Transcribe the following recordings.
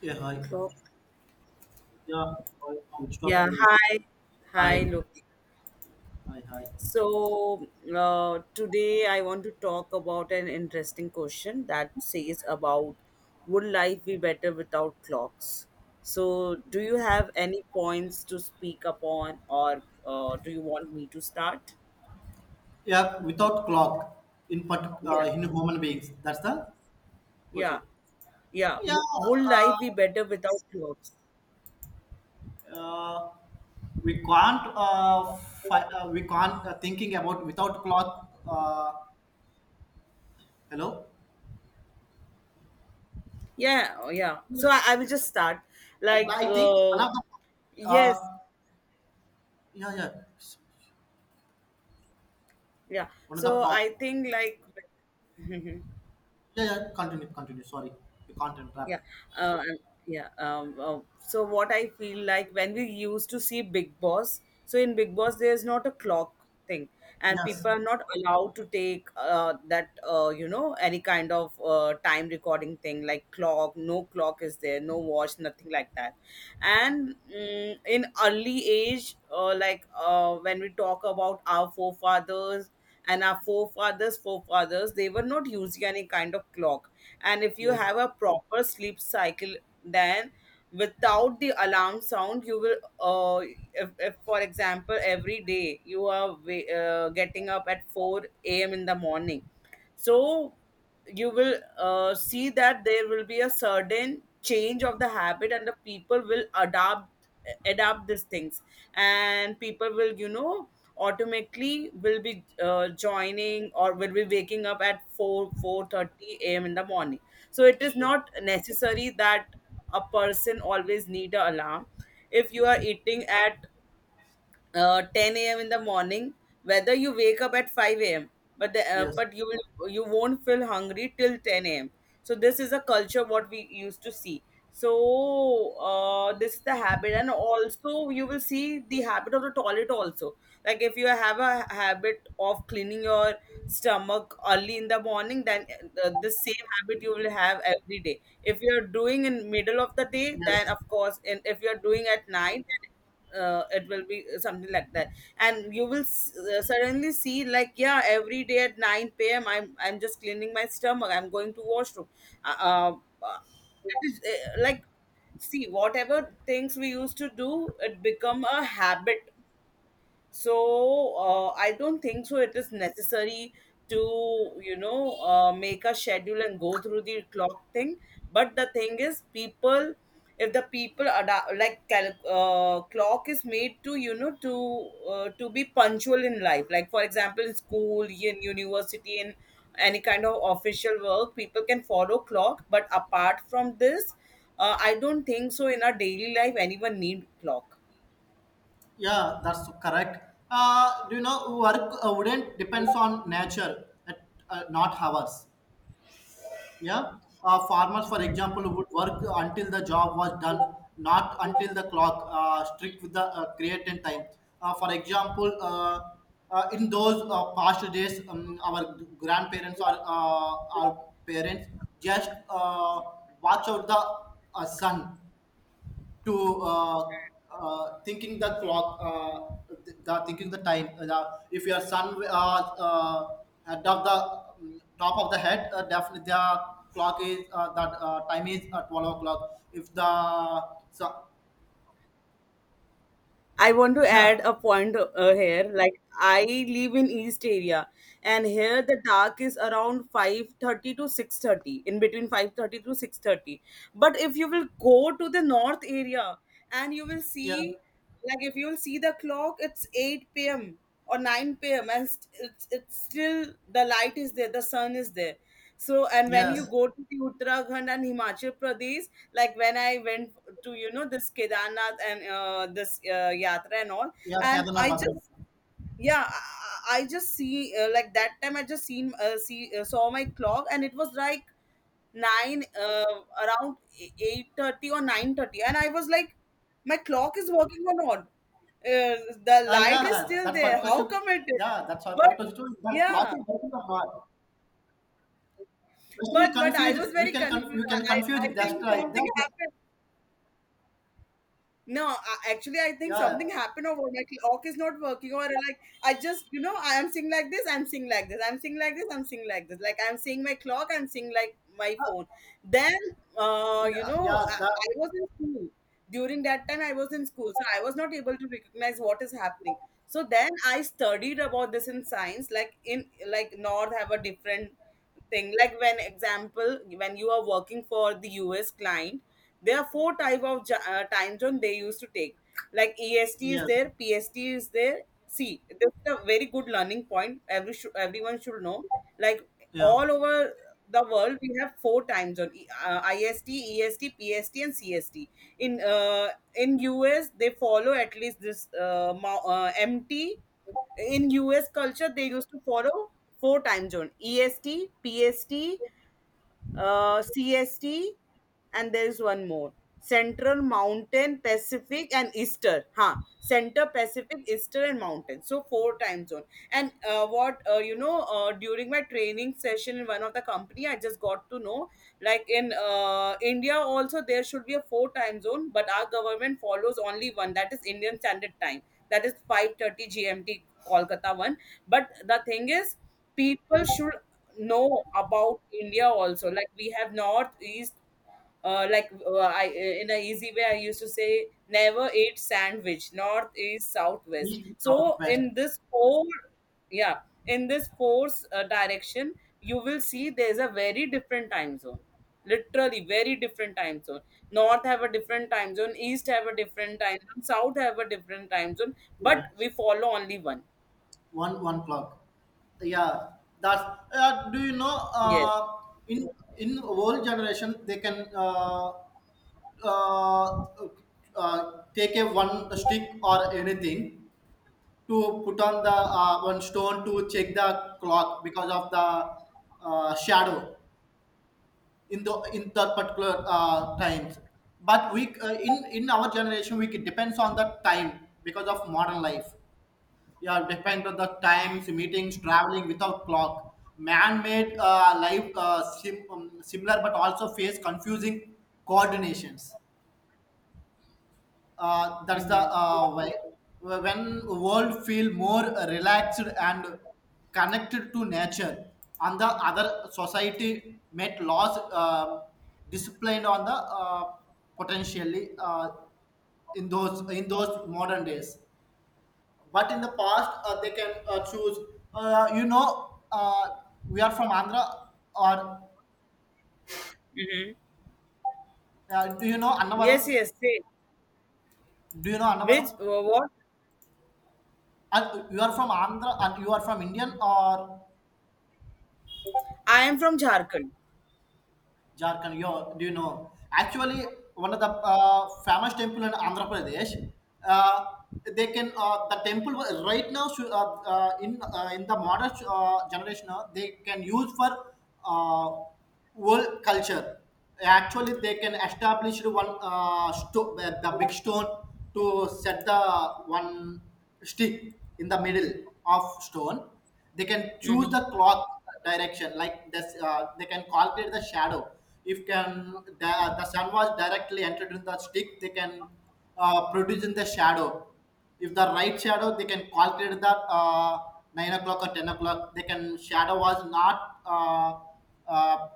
Yeah, hi. Clock. Yeah, I- I'm stop. Yeah, hi. Hi, Hi, look. hi. So, today I want to talk about an interesting question that says about would life be better without clocks? So, do you have any points to speak upon or do you want me to start? Yeah, without clock in part, Yeah. in human beings. That's the Yeah. question. Yeah. Yeah, Would uh, life be better without clocks? uh, we can't. We can't thinking about without clock. Uh, Hello. Yeah, oh, yeah. So I will just start. Like, I think one of the. yes, Uh, yeah, yeah. yeah. One of the So power. I think, like. Mhm. Yeah, yeah. Continue, continue. Sorry, you can't Yeah. interrupt. Uh, and- yeah. So what I feel like when we used to see Big Boss, so in Big Boss there's not a clock thing, and Yes, people are not allowed to take that any kind of time recording thing like clock. No clock is there. No watch. Nothing like that. And in early age, like when we talk about our forefathers and our forefathers forefathers, they were not using any kind of clock. And if you yes, have a proper sleep cycle, then without the alarm sound you will, if for example every day you are getting up at 4 a.m in the morning, so you will see that there will be a certain change of the habit and the people will adapt these things, and people will, automatically will be joining or will be waking up at 4 4:30 a.m. in the morning. So it is yeah, not necessary that a person always need a alarm. If you are eating at 10 a.m. in the morning, whether you wake up at 5 a.m. But yes, but you won't feel hungry till 10 a.m. So this is a culture what we used to see. So this is the habit, and also you will see the habit of the toilet also. Like if you have a habit of cleaning your stomach early in the morning, then the same habit you will have every day. If you are doing in middle of the day, then yes. of course, and if you are doing at night, it will be something like that. And you will suddenly see, like, yeah, every day at 9 p.m. I'm just cleaning my stomach, I'm going to washroom. uh, uh, uh, it is, like, see, whatever things we used to do, it become a habit. So I don't think so it is necessary to, make a schedule and go through the clock thing. But the thing is, people, if the people clock is made to to to be punctual in life, like for example in school, in university, in any kind of official work, people can follow clock, but apart from this, I don't think so in our daily life anyone need clock. Yeah, that's correct. Do you know work wouldn't depends on nature, at, not ours. Yeah, farmers, for example, would work until the job was done, not until the clock strict with the created time. Uh, for example, in those past days, our grandparents or our parents just watch out the sun to thinking the clock, the thinking the time. If your son uh, at of the top of the head, definitely the clock is that time is at 12 o'clock. If the so I want to add yeah, a point here. Like, I live in East area, and here the dark is around 5:30 to 6:30, in between 5:30 to 6:30. But if you will go to the north area, and you will yeah, see, like if you will see the clock, it's 8 p.m. or 9 p.m., and it's still the light is there, the sun is there. So, and when you yes, go to the Uttarakhand and Himachal Pradesh, like when I went to this kedarnath and this yatra and all. yeah, And Kedarnath I just, Badrinath. yeah, I just see, like, that time I just seen see saw my clock and it was like 9 uh, around 8:30 or 9:30, and I was like, my clock is working or not, uh, the Ah light is yeah, still that's there, particular. how Ship. come it is. Yeah, that's our But, particular story. That clock yeah, is working or not? Just we but I confused. was very You confused. i can i I confuse. That's think right. something happened. No, actually, I think Yeah, something happened, over my clock is not working, or like I just, I am seeing like this, I'm seeing like this, I'm seeing like this, I'm seeing like this. Like, I'm seeing my clock, I'm seeing like my phone. Then, yeah, I, yeah. That I was in school during that time. I was in school, so I was not able to recognize what is happening. So then I studied about this in science, like in, north have a different thing, like when example when you are working for the US client, there are four type of time zone they used to take. Like, EST is yes. there, PST is there. See, this is a very good learning point, every everyone should know. Like, Yeah, all over the world we have four time zone: IST, EST, PST and CST. in uh, in US, they follow at least this MT. In US culture, they used to follow four time zone: EST, PST, CST, and there is one more: Central, Mountain, Pacific, and Easter. Huh? Center, Pacific, Easter, and Mountain. So four time zone. And what, during my training session in one of the company, I just got to know, like in India also there should be a four time zone, but our government follows only one, that is Indian Standard Time, that is 5:30 GMT Kolkata one. But the thing is, people should know about India also, like we have north, east, I in a easy way, I used to say, never eat sandwich, north east south west, east so southwest. in this four, yeah, in this four direction, you will see there's a very different time zone, literally very different time zone. North have a different time zone, east have a different time zone, south have a different time zone, but Yeah, we follow only one. one one clock. Yeah, that's. Do you know? Yes. In in old generation, they can uh, take a one stick or anything to put on the one stone to check the clock because of the shadow in that particular times. But we in our generation, we depends on the time because of modern life, yeah. Depend on the times, meetings, traveling without clock, man-made life similar but also face confusing coordinations. That's the mm-hmm. Way when world feel more relaxed and connected to nature. On the other society met laws, disciplined on the potentially, in those modern days, but in the past they can choose. uh, you know uh, we are from Andhra, or Hmm. Do you know Annavaram? Yes. Yes, say. Do you know Annavaram? Which, what? And you are from Andhra, and you are from Indian or I am from Jharkhand. Jharkhand? You, do you know, actually, one of the famous temple in Andhra Pradesh. uh, they can, the temple wa- right now should, uh, in in the modern generation, they can use for uh, world culture. Actually, they can establish one the big stone to set the one stick in the middle of stone. They can choose Mm-hmm. the clock direction like this, they can calculate the shadow. If can the sun was directly entered in the stick, they can produce in the shadow. If the right shadow, they can calculate that. 9 o'clock or 10 o'clock they can shadow was not uh,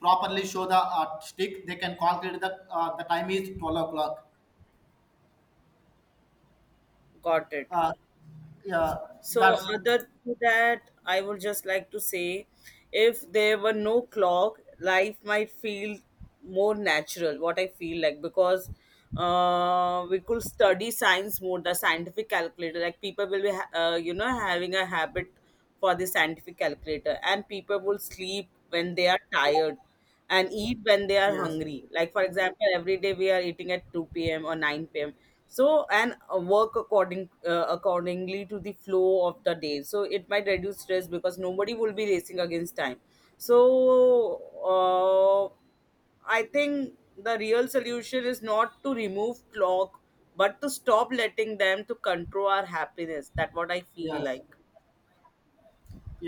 properly show the stick, they can calculate that the time is 12 o'clock. Got it. uh, yeah, So, that's, other to that, I would just like to say, if there were no clock, life might feel more natural, what I feel like, because we could study science more, the scientific calculator. Like, people will be, having a habit for the scientific calculator, and people will sleep when they are tired and eat when they are yes, hungry. Like for example, every day we are eating at 2 p.m. or 9 p.m. So, and work accordingly to the flow of the day. So it might reduce stress because nobody will be racing against time. So, uh, I think the real solution is not to remove clock, but to stop letting them to control our happiness. That's what I feel yes, like.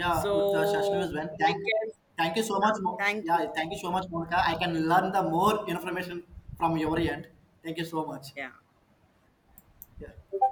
yeah. With the session So is when, we thank, can, thank you yeah. so much Mo- Thank yeah, you. Thank thank you you. so much, Monica. I can learn the more information from your end. Thank you so much. Yeah. Yeah.